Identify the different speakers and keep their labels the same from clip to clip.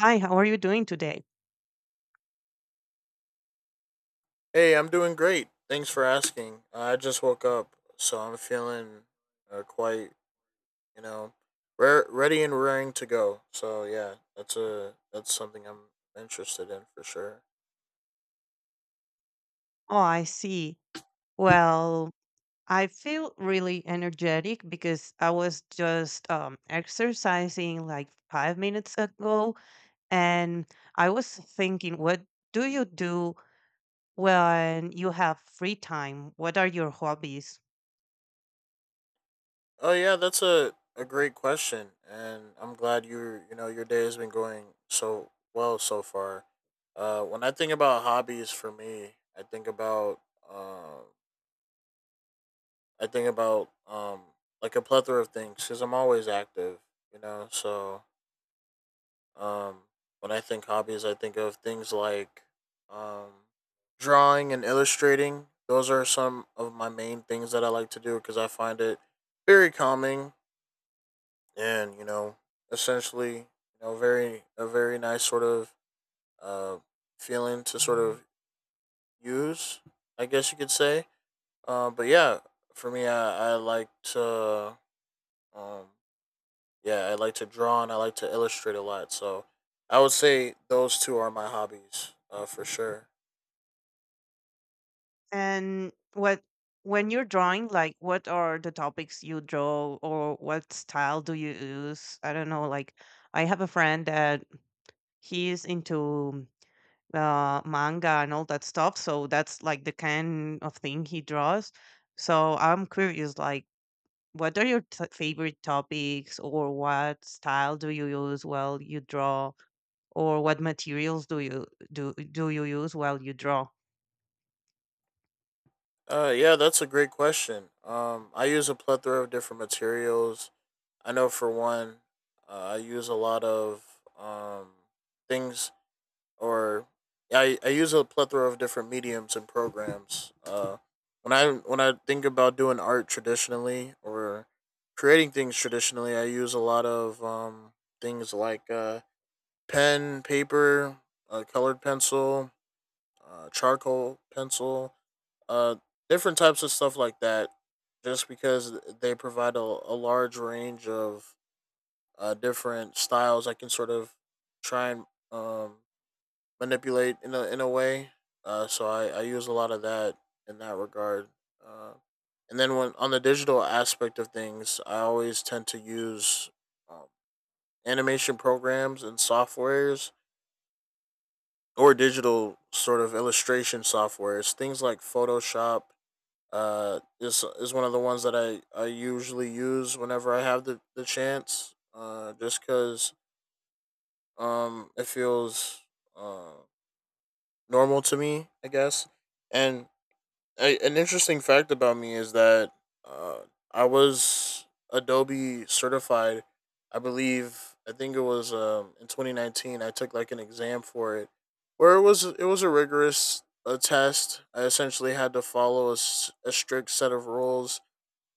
Speaker 1: Hi, how are you doing today?
Speaker 2: Hey, I'm doing great. Thanks for asking. I just woke up, so I'm feeling quite, you know, ready and raring to go. So yeah, that's something I'm interested in for sure.
Speaker 1: Oh, I see. Well, I feel really energetic because I was just exercising like 5 minutes ago. And I was thinking, what do you do when you have free time? What are your hobbies?
Speaker 2: Oh yeah, that's a great question, and I'm glad you know your day has been going so well so far. When I think about hobbies for me, um, I think about like a plethora of things because I'm always active, you know, so. Um, when I think hobbies, I think of things like um, drawing and illustrating. Those are some of my main things that I like to do because I find it very calming and you know essentially very a very nice sort of uh, feeling to sort of use. I guess you could say. But yeah, for me, I like to um, yeah, I like to draw and I like to illustrate a lot. So I would say those two are my hobbies for sure.
Speaker 1: And what when you're drawing, like what are the topics you draw or what style do you use? I don't know, like I have a friend that he's into manga and all that stuff. So that's like the kind of thing he draws. So I'm curious, like, what are your favorite topics, or what style do you use while you draw, or what materials do you do you use while you draw?
Speaker 2: Yeah, that's a great question. I use a plethora of different materials. I know for one, I use a lot of um, things, or yeah, I use a plethora of different mediums and programs. When I think about doing art traditionally or creating things traditionally, I use a lot of things like pen, paper, a colored pencil, charcoal pencil, uh, different types of stuff like that, just because they provide a large range of different styles I can sort of try and um, manipulate in in a way. So I use a lot of that in that regard. Uh, and then when on the digital aspect of things, I always tend to use um, animation programs and softwares or digital sort of illustration software. It's things like Photoshop. Is one of the ones that I usually use whenever I have the chance. Just because it feels uh normal to me, I guess. And an interesting fact about me is that uh, I was Adobe certified. I believe I think it was in 2019. I took like an exam for it, where it was a rigorous test. I essentially had to follow a strict set of rules,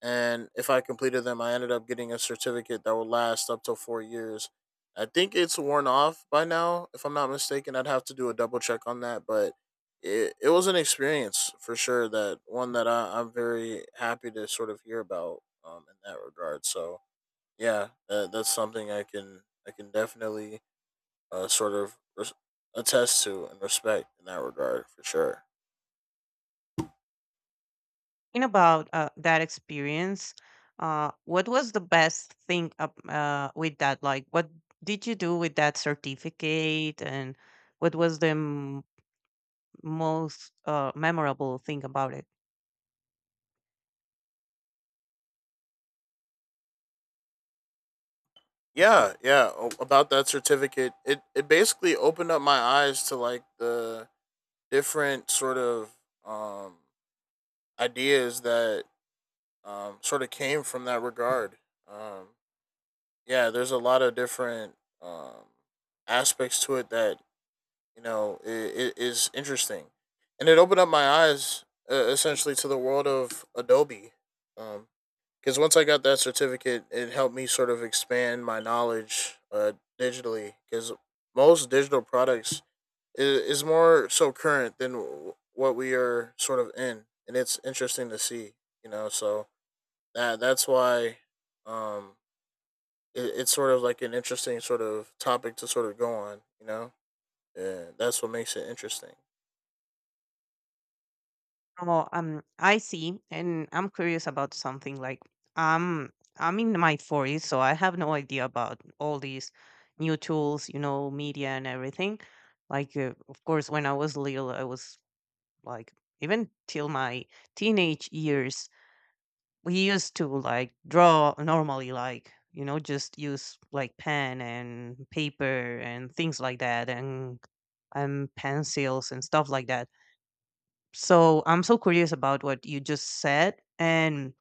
Speaker 2: and if I completed them, I ended up getting a certificate that will last up to 4 years. I think it's worn off by now, if I'm not mistaken. I'd have to do a double check on that, but it was an experience for sure. That one that I'm very happy to sort of hear about in that regard. So yeah, that's something I can definitely uh, sort of res- attest to and respect in that regard for sure.
Speaker 1: Talking about that experience, what was the best thing with that? Like, what did you do with that certificate, and what was the most memorable thing about it?
Speaker 2: Yeah, yeah. About that certificate, it basically opened up my eyes to like the different sort of um ideas that sort of came from that regard. Um yeah, there's a lot of different um aspects to it that you know I is interesting, and it opened up my eyes essentially to the world of Adobe. Um, because once I got that certificate, it helped me sort of expand my knowledge digitally. Because most digital products is more so current than what we are sort of in, and it's interesting to see. You know, so that's why um, it's sort of like an interesting sort of topic to sort of go on. You know, yeah, that's what makes it interesting.
Speaker 1: Oh, I see, and I'm curious about something. Like, um, I'm in my forties, so I have no idea about all these new tools, you know, media and everything. Like, of course, when I was little, I was like even till my teenage years we used to like draw normally, like you know, just use like pen and paper and things like that, and pencils and stuff like that. So I'm so curious about what you just said, and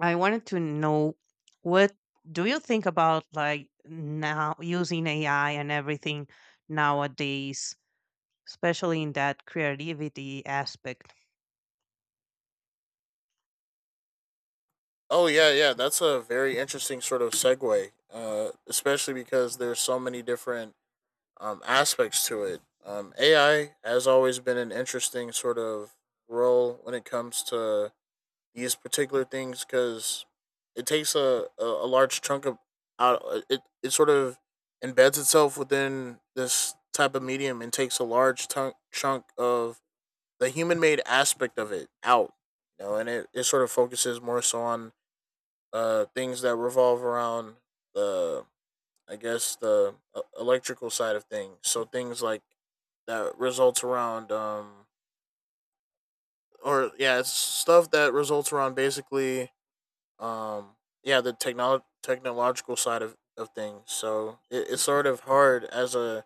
Speaker 1: I wanted to know what do you think about like now using AI and everything nowadays, especially in that creativity aspect?
Speaker 2: Oh yeah, yeah, that's a very interesting sort of segue, especially because there's so many different aspects to it. AI has always been an interesting sort of role when it comes to these particular things because it takes a large chunk of out it sort of embeds itself within this type of medium and takes a chunk of the human made aspect of it out, you know, and it sort of focuses more so on things that revolve around the I guess the electrical side of things. So things like that results around or yeah, it's stuff that results around basically um yeah, the technological side of things. So it's sort of hard as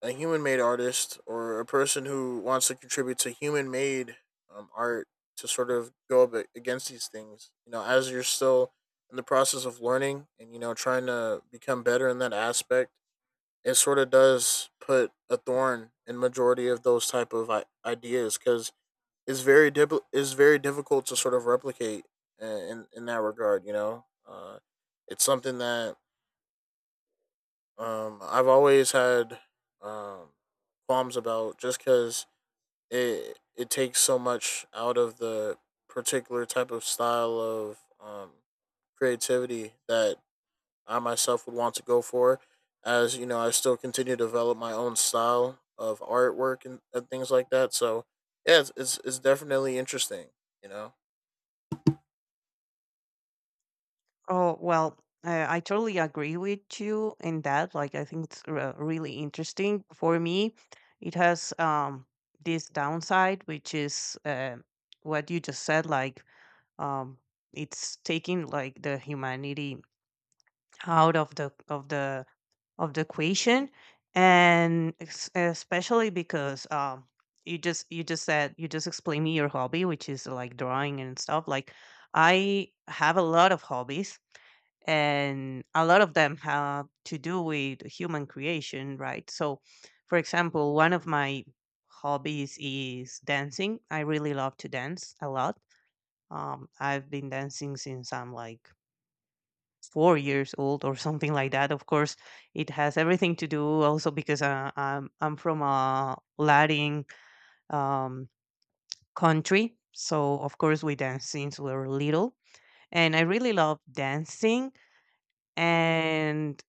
Speaker 2: a human made artist or a person who wants to contribute to human made art to sort of go up against these things. You know, as you're still in the process of learning and you know trying to become better in that aspect, it sort of does put a thorn in majority of those type of ideas because it's very it's very difficult to sort of replicate in that regard. You know, it's something that I've always had um, qualms about just because it takes so much out of the particular type of style of creativity that I myself would want to go for. As you know, I still continue to develop my own style of artwork and things like that. So yeah, it's definitely interesting. You know.
Speaker 1: Oh, well, I totally agree with you in that. Like, I think it's really interesting. For me, it has this downside, which is what you just said. Like, um, it's taking like the humanity out of the of the equation, and especially because you just said you just explained me your hobby, which is like drawing and stuff. Like, I have a lot of hobbies and a lot of them have to do with human creation, right? So, for example, one of my hobbies is dancing. I really love to dance a lot. I've been dancing since I'm like 4 years old or something like that. Of course, it has everything to do also because I'm from a Latin um, country, so of course we dance since we were little, and I really love dancing. And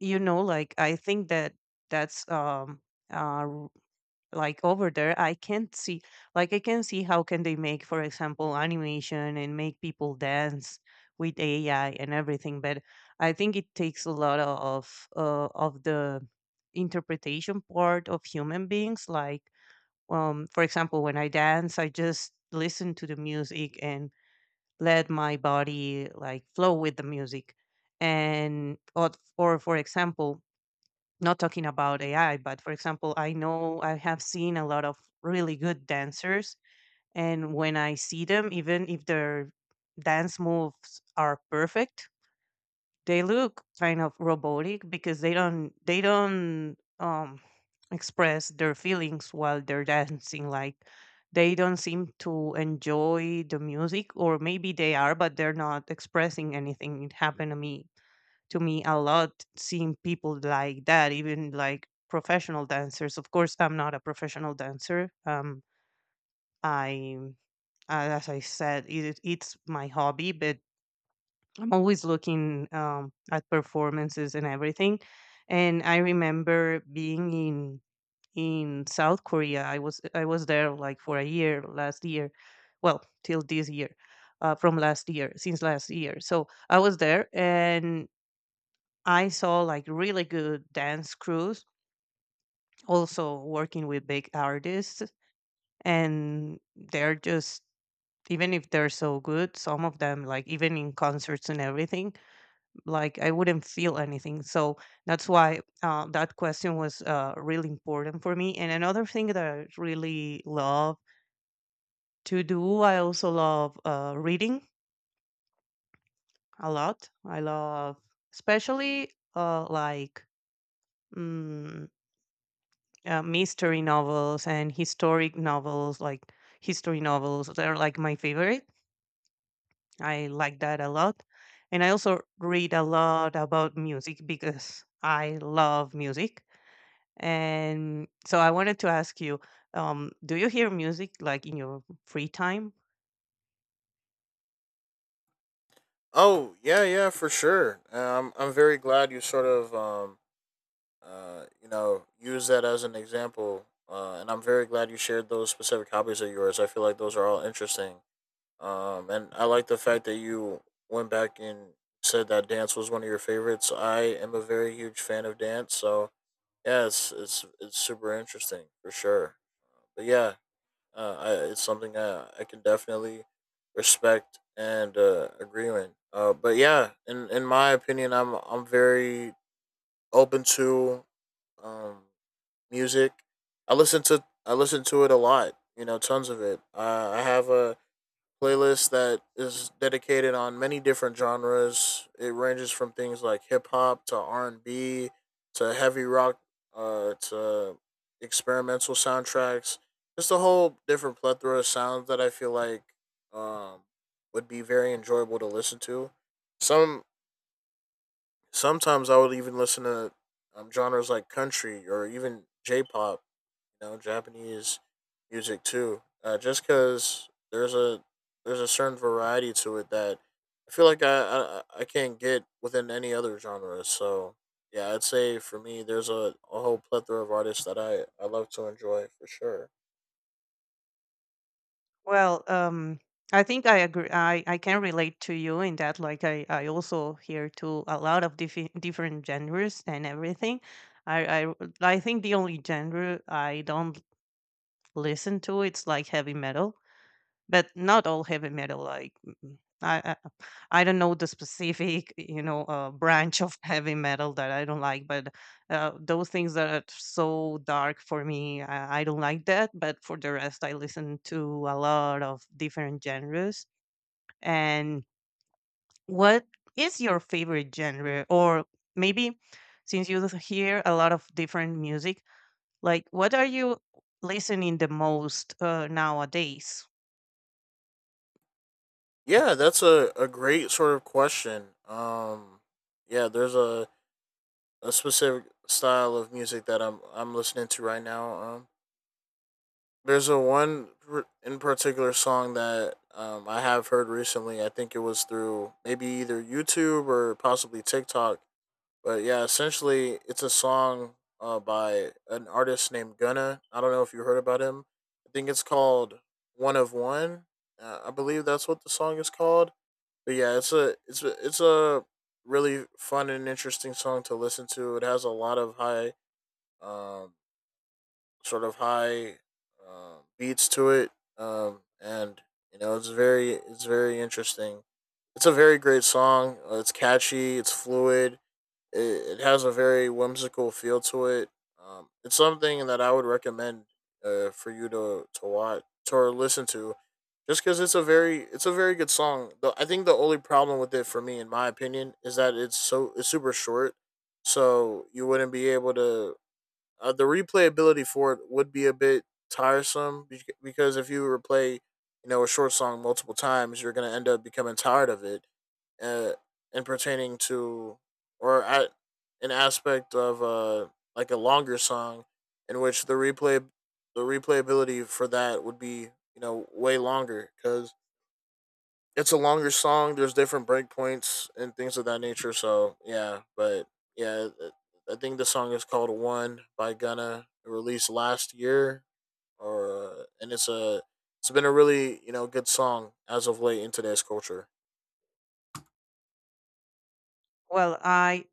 Speaker 1: you know, like I think that that's um uh r- like over there I can't see. Like I can see how can they make, for example, animation and make people dance with AI and everything, but I think it takes a lot of the interpretation part of human beings. Like for example, when I dance I just listen to the music and let my body like flow with the music. And or for example, not talking about AI, but for example, I know I have seen a lot of really good dancers, and when I see them, even if their dance moves are perfect, they look kind of robotic because they don't express their feelings while they're dancing. Like they don't seem to enjoy the music, or maybe they are, but they're not expressing anything. It happened to me a lot, seeing people like that, even like professional dancers. Of course, I'm not a professional dancer. I, as I said, it's my hobby, but I'm always looking at performances and everything. And I remember being in South Korea. I was there like for a year last year, well till this year, from last year, since last year. So I was there and I saw like really good dance crews also working with big artists, and they're just, even if they're so good, some of them, like even in concerts and everything, like I wouldn't feel anything. So that's why, that question was really important for me. And another thing that I really love to do, I also love reading a lot. I love especially like mm, mystery novels and historic novels, like history novels, they're like my favorite. I like that a lot. And I also read a lot about music because I love music. And so I wanted to ask you, do you hear music like in your free time?
Speaker 2: Oh yeah, yeah, for sure. I'm very glad you sort of you know use that as an example. And I'm very glad you shared those specific hobbies of yours. I feel like those are all interesting. And I like the fact that you went back and said that dance was one of your favorites. I am a very huge fan of dance, so yeah, it's it's super interesting for sure. But yeah, it's something I can definitely respect and agree with. But yeah, in my opinion, I'm very open to um music. I listen to it a lot. You know, tons of it. I have a playlist that is dedicated on many different genres. It ranges from things like hip hop to R and B to heavy rock to experimental soundtracks. Just a whole different plethora of sounds that I feel like um, would be very enjoyable to listen to. Some Sometimes I would even listen to genres like country or even J-pop, you know, Japanese music too. Just because there's a certain variety to it that I feel like I can't get within any other genre. So yeah, I'd say for me, there's a whole plethora of artists that I love to enjoy for sure.
Speaker 1: Well, I think I agree. I can relate to you in that. Like I also hear to a lot of different genres and everything. I, I I think the only genre I don't listen to, it's like heavy metal, but not all heavy metal. Like I don't know the specific, you know, branch of heavy metal that I don't like. But those things that are so dark for me, I don't like that. But for the rest, I listen to a lot of different genres. And what is your favorite genre, or maybe? Since you hear a lot of different music, like what are you listening the most nowadays?
Speaker 2: Yeah, that's a great sort of question. Yeah, there's a specific style of music that I'm listening to right now. There's a one in particular song that I have heard recently. I think it was through maybe either YouTube or possibly TikTok. But yeah, essentially, it's a song by an artist named Gunna. I don't know if you heard about him. I think it's called "One of One." I believe that's what the song is called. But yeah, it's a really fun and interesting song to listen to. It has a lot of high um, sort of high beats to it, and you know it's very interesting. It's a very great song. It's catchy. It's fluid. It has a very whimsical feel to it. It's something that I would recommend for you to watch to or listen to, just because it's a very good song. I think the only problem with it for me, in my opinion, is that it's super short, so you wouldn't be able to the replayability for it would be a bit tiresome, because if you replay, you know, a short song multiple times, you're going to end up becoming tired of it, uh, and pertaining to or at an aspect of like a longer song, in which the replayability for that would be you know way longer because it's a longer song. There's different breakpoints and things of that nature. So yeah, yeah, it- I think the song is called "One" by Gunna. It released last year, or and it's been a really, you know, good song as of late in today's culture.
Speaker 1: Well, I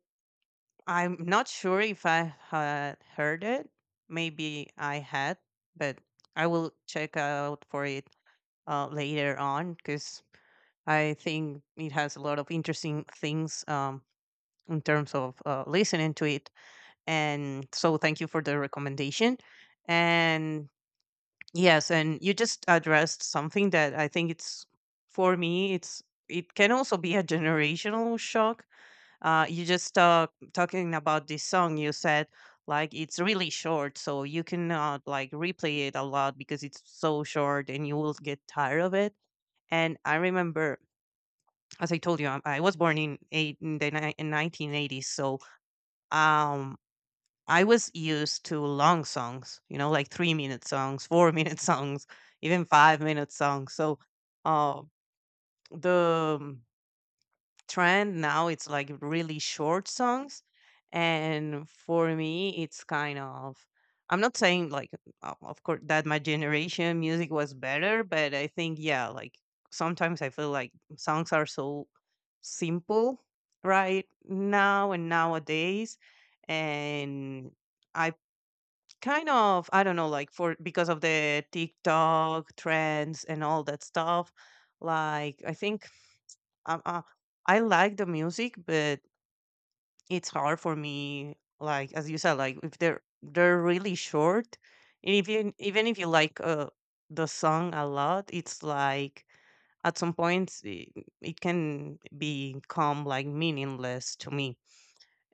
Speaker 1: I'm not sure if I had heard it. Maybe I had, but I will check out for it later on because I think it has a lot of interesting things in terms of listening to it. And so, thank you for the recommendation. And yes, and you just addressed something that I think it's for me. It's it can also be a generational shock, you just, talking about this song. You said like it's really short, so you cannot like replay it a lot because it's so short, and you will get tired of it. And I remember, as I told you, I was born in eight, in the ni- in 1980s, so um, I was used to long songs. You know, like 3 minute songs, 4 minute songs, even 5 minute songs. So uh, the trend now it's like really short songs, and for me it's kind of, I'm not saying like, of course that my generation music was better, but I think, yeah, like sometimes I feel like songs are so simple right now and nowadays. And I kind of, I don't know, like for, because of the TikTok trends and all that stuff, like I think um, uh, I like the music, but it's hard for me. Like as you said, like if they're really short, and if you, even if you like the song a lot, it's like at some points it can become like meaningless to me.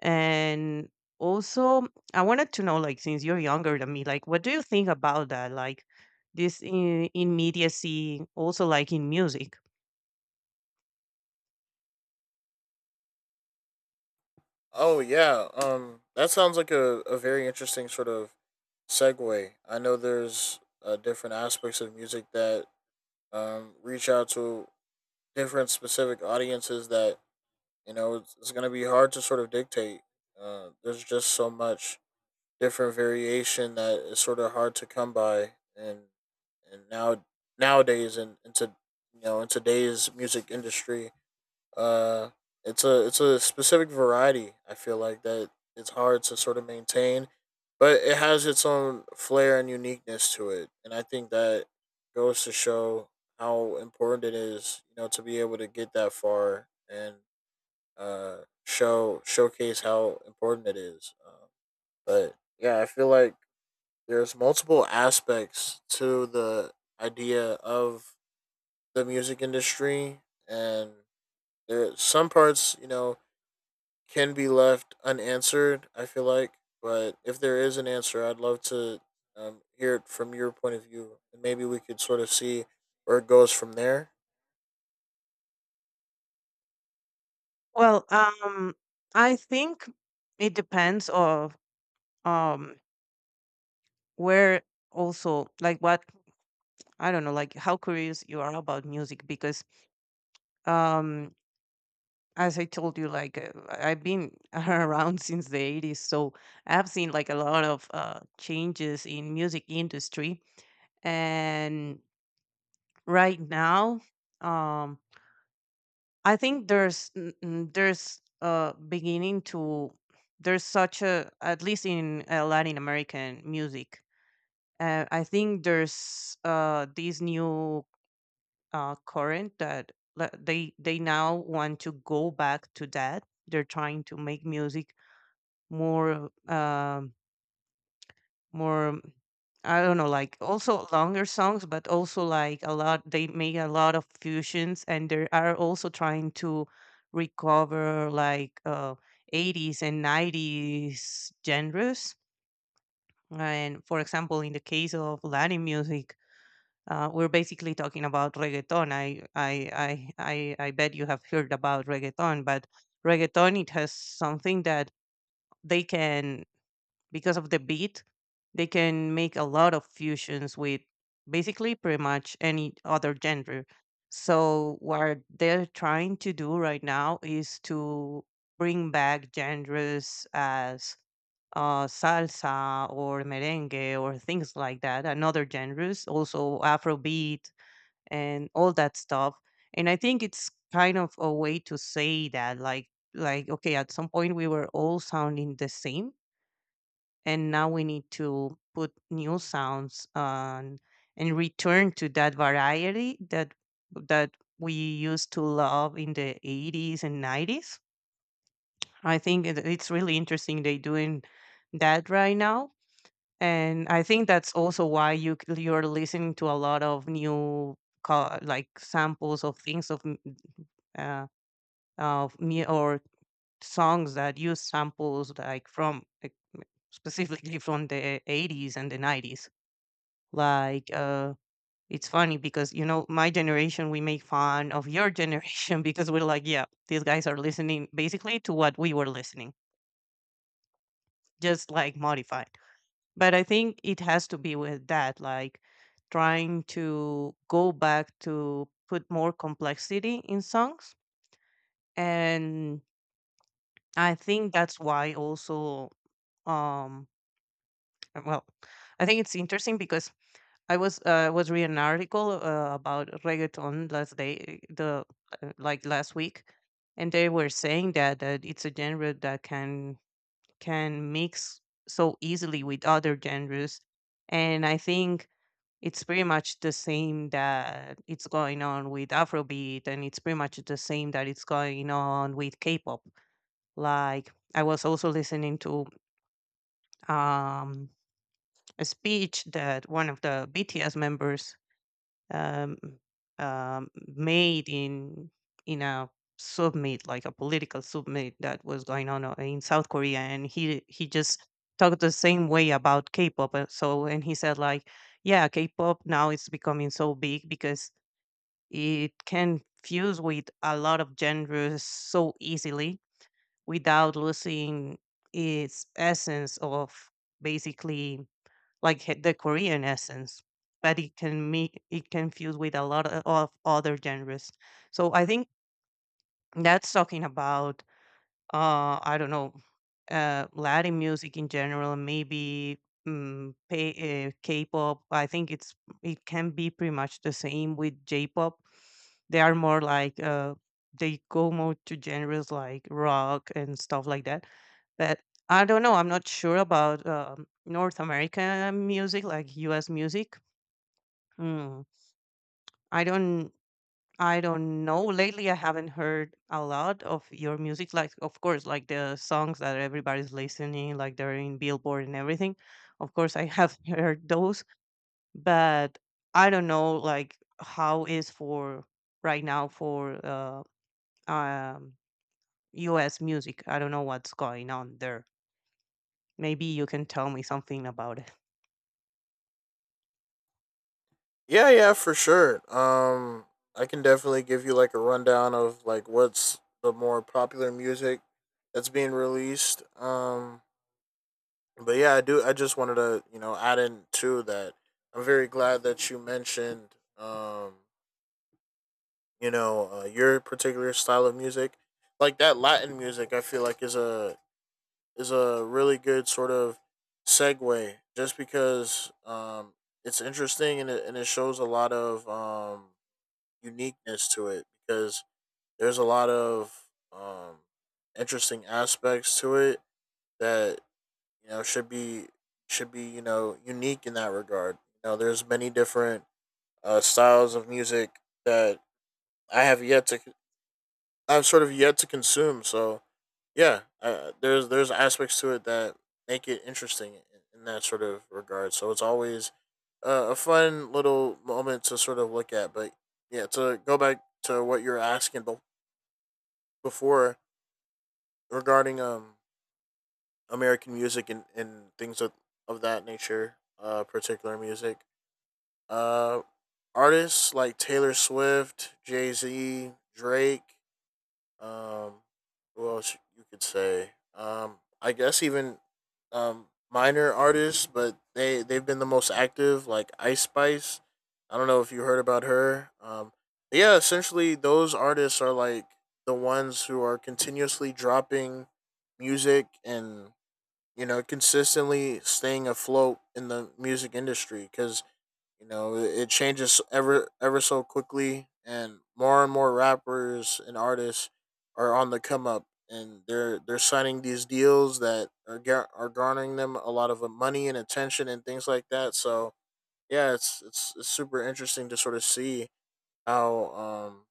Speaker 1: And also, I wanted to know, like, since you're younger than me, like, what do you think about that? Like, this immediacy, also like in music.
Speaker 2: Oh yeah, that sounds like a very interesting sort of segue. I know there's different aspects of music that reach out to different specific audiences that you know it's going to be hard to sort of dictate there's just so much different variation that is sort of hard to come by and and now nowadays and into in today's music industry uh it's a specific variety, I feel like, that it's hard to sort of maintain, but it has its own flair and uniqueness to it, and I think that goes to show how important it is, you know, to be able to get that far. And uh, showcase how important it is. But yeah, I feel like there's multiple aspects to the idea of the music industry, and there some parts, you know, can be left unanswered, I feel like. But if there is an answer, I'd love to hear it from your point of view, and maybe we could sort of see where it goes from there.
Speaker 1: Well, I think it depends of um where, also like what, I don't know like how curious you are about music. Because um as I told you, like I've been around since the 80s, so I've seen like a lot of changes in music industry. And right now, um I think there's there's beginning to, there's such a, at least in Latin American music. I think there's this new current that they now want to go back to that. They're trying to make music more more I don't know, like also longer songs, but also like a lot, they make a lot of fusions, and they are also trying to recover like 80s and 90s genres. And for example, in the case of Latin music, we're basically talking about reggaeton. I bet you have heard about reggaeton, but reggaeton, it has something that they can, because of the beat, they can make a lot of fusions with basically pretty much any other genre. So what they're trying to do right now is to bring back genres as salsa or merengue or things like that, and other genres, also Afrobeat and all that stuff. And I think it's kind of a way to say that, like okay, at some point we were all sounding the same, and now we need to put new sounds on and return to that variety that that we used to love in the 80s and 90s. I think it's really interesting they doing that right now. And I think that's also why you're listening to a lot of new like samples of things of m- uh, of mu- or songs that use samples like specifically from the 80s and the 90s. like uh it's funny because you know my generation we make fun of your generation because we're like, yeah, these guys are listening basically to what we were listening, just like modified. But I think it has to be with that, like, trying to go back to put more complexity in songs. And I think that's why also um Uh, Well, I think it's interesting because I was reading an article about reggaeton last day, the like last week, and they were saying that it's a genre that can mix so easily with other genres. And I think it's pretty much the same that it's going on with Afrobeat, and it's pretty much the same that it's going on with K-pop. Like I was also listening to um a speech that one of the BTS members um, um, made in a summit, like a political summit that was going on in South Korea, and he just talked the same way about K-pop. So and he said like, yeah, K-pop now is becoming so big because it can fuse with a lot of genres so easily without losing its essence of basically, like the Korean essence, but it can fuse with a lot of other genres. So I think that's talking about I don't know, Latin music in general, maybe K-pop. I think it's, it can be pretty much the same with J-pop. They are more like they go more to genres like rock and stuff like that. But I don't know. I'm not sure about North American music, like U.S. music. Hmm. I don't. I don't know. Lately, I haven't heard a lot of your music. Like, of course, like the songs that everybody's listening, like they're in Billboard and everything. Of course, I have heard those, but I don't know, like, how is for right now for um, U.S. music. I don't know what's going on there. Maybe you can tell me something about it.
Speaker 2: Yeah, yeah, for sure. I can definitely give you like a rundown of like what's the more popular music that's being released. But yeah, I do. I just wanted to, you know, add in too that I'm very glad that you mentioned you know your particular style of music, like that Latin music. I feel like is a really good sort of segue just because it's interesting, and it shows a lot of um, uniqueness to it because there's a lot of interesting aspects to it that you know should be you know unique in that regard. You know, there's many different styles of music that I have yet to I've sort of yet to consume. So yeah, there's aspects to it that make it interesting in that sort of regard. So it's always a fun little moment to sort of look at. But yeah, to go back to what you're asking, but before, regarding American music, and things of that nature, uh, particular music. Uh Artists like Taylor Swift, Jay Z, Drake, um, who else you could say? I guess even minor artists, but they've been the most active, like Ice Spice. I don't know if you heard about her. But yeah, essentially those artists are like the ones who are continuously dropping music, and you know consistently staying afloat in the music industry because, you know, it changes ever so quickly, and more rappers and artists are on the come up, and they're signing these deals that are garnering them a lot of money and attention and things like that. So yeah, it's super interesting to sort of see how um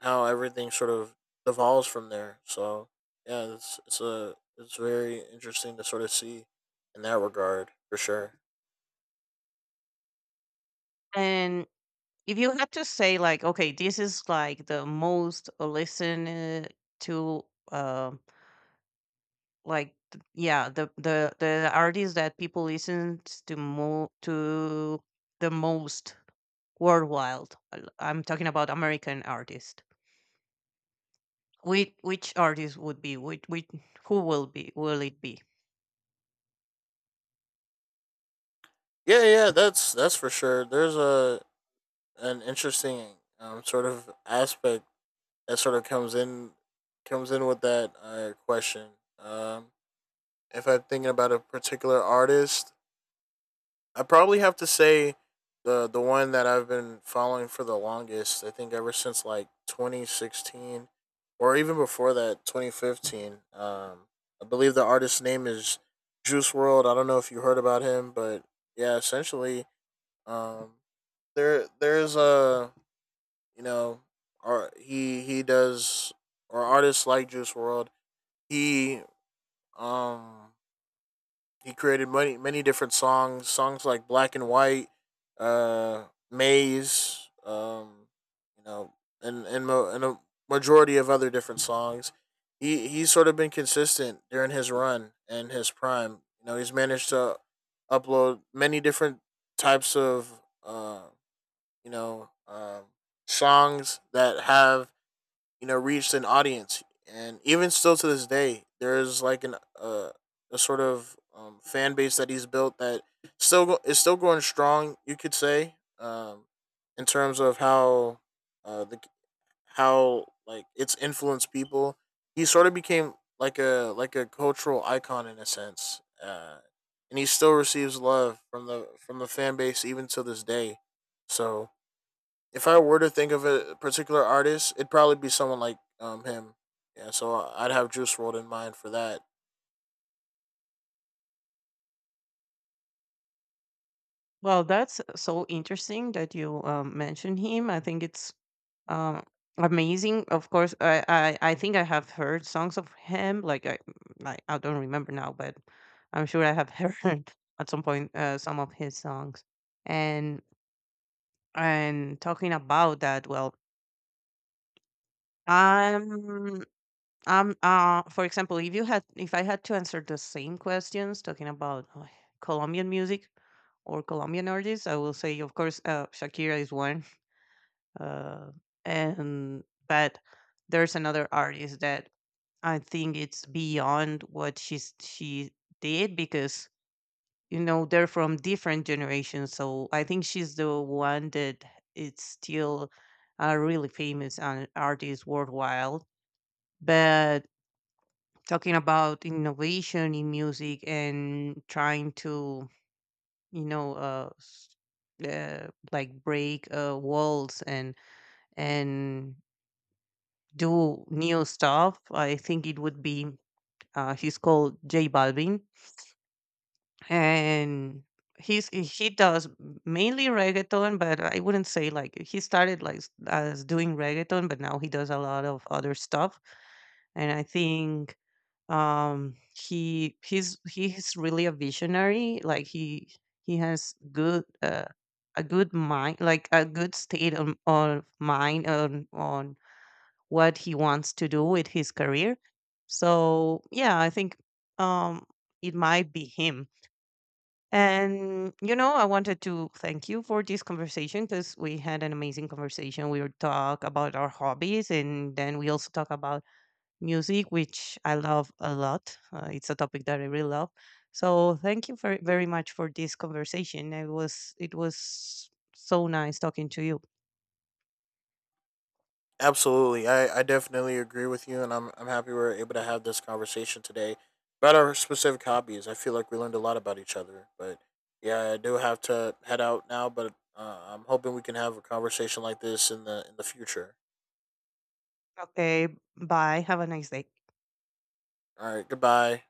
Speaker 2: how everything sort of evolves from there. So yeah, it's very interesting to sort of see in that regard for sure.
Speaker 1: And if you had to say like, okay, this is like the most listened to, um like yeah, the artist that people listen to mo to the most worldwide. I'm talking about American artist. Which artist would be, which who will be, will it be?
Speaker 2: Yeah, yeah, that's for sure. There's a an interesting sort of aspect that sort of comes in with that question. Um, if I'm thinking about a particular artist, I probably have to say the one that I've been following for the longest. I think ever since like 2016, or even before that, 2015. I believe the artist's name is Juice World. I don't know if you heard about him, but yeah, essentially, um, there's a, you know, or he does or artists like Juice World. He, um he created many different songs, songs like Black and White, uh, Maze, you know, and a majority of other different songs. He's sort of been consistent during his run and his prime. You know, he's managed to upload many different types of you know songs that have you know reached an audience, and even still to this day there's like an a sort of fan base that he's built that is still going strong, you could say, in terms of how the how like it's influenced people. He sort of became like a cultural icon in a sense, and he still receives love from the fan base even to this day. So if I were to think of a particular artist, it'd probably be someone like him. Yeah, so I'd have Juice World in mind for that.
Speaker 1: Well, that's so interesting that you mentioned him. I think it's um, amazing. Of course, I think I have heard songs of him. Like I don't remember now, but I'm sure I have heard at some point, some of his songs. And talking about that, well, I'm I'm for example, if I had to answer the same questions talking about Colombian music or Colombian artists, I will say of course Shakira is one, uh, and but there's another artist that I think it's beyond what she did because you know they're from different generations. So I think she's the one that is still a really famous and artist worldwide. But talking about innovation in music and trying to, you know, like break walls and and do new stuff. I think it would be, he's called J Balvin, and he does mainly reggaeton, but I wouldn't say like he started like as doing reggaeton, but now he does a lot of other stuff. And I think he he's really a visionary. Like he has good a good mind, like a good state of mind on what he wants to do with his career. So yeah, I think um, it might be him. And you know, I wanted to thank you for this conversation because we had an amazing conversation. We would talk about our hobbies, and then we also talk about music, which I love a lot. It's a topic that I really love. So thank you very very much for this conversation. It was so nice talking to you.
Speaker 2: Absolutely, I definitely agree with you, and I'm happy we're able to have this conversation today about our specific hobbies. I feel like we learned a lot about each other, but yeah, I do have to head out now. But I'm hoping we can have a conversation like this in the future.
Speaker 1: Okay. Bye. Have a nice day.
Speaker 2: All right, goodbye.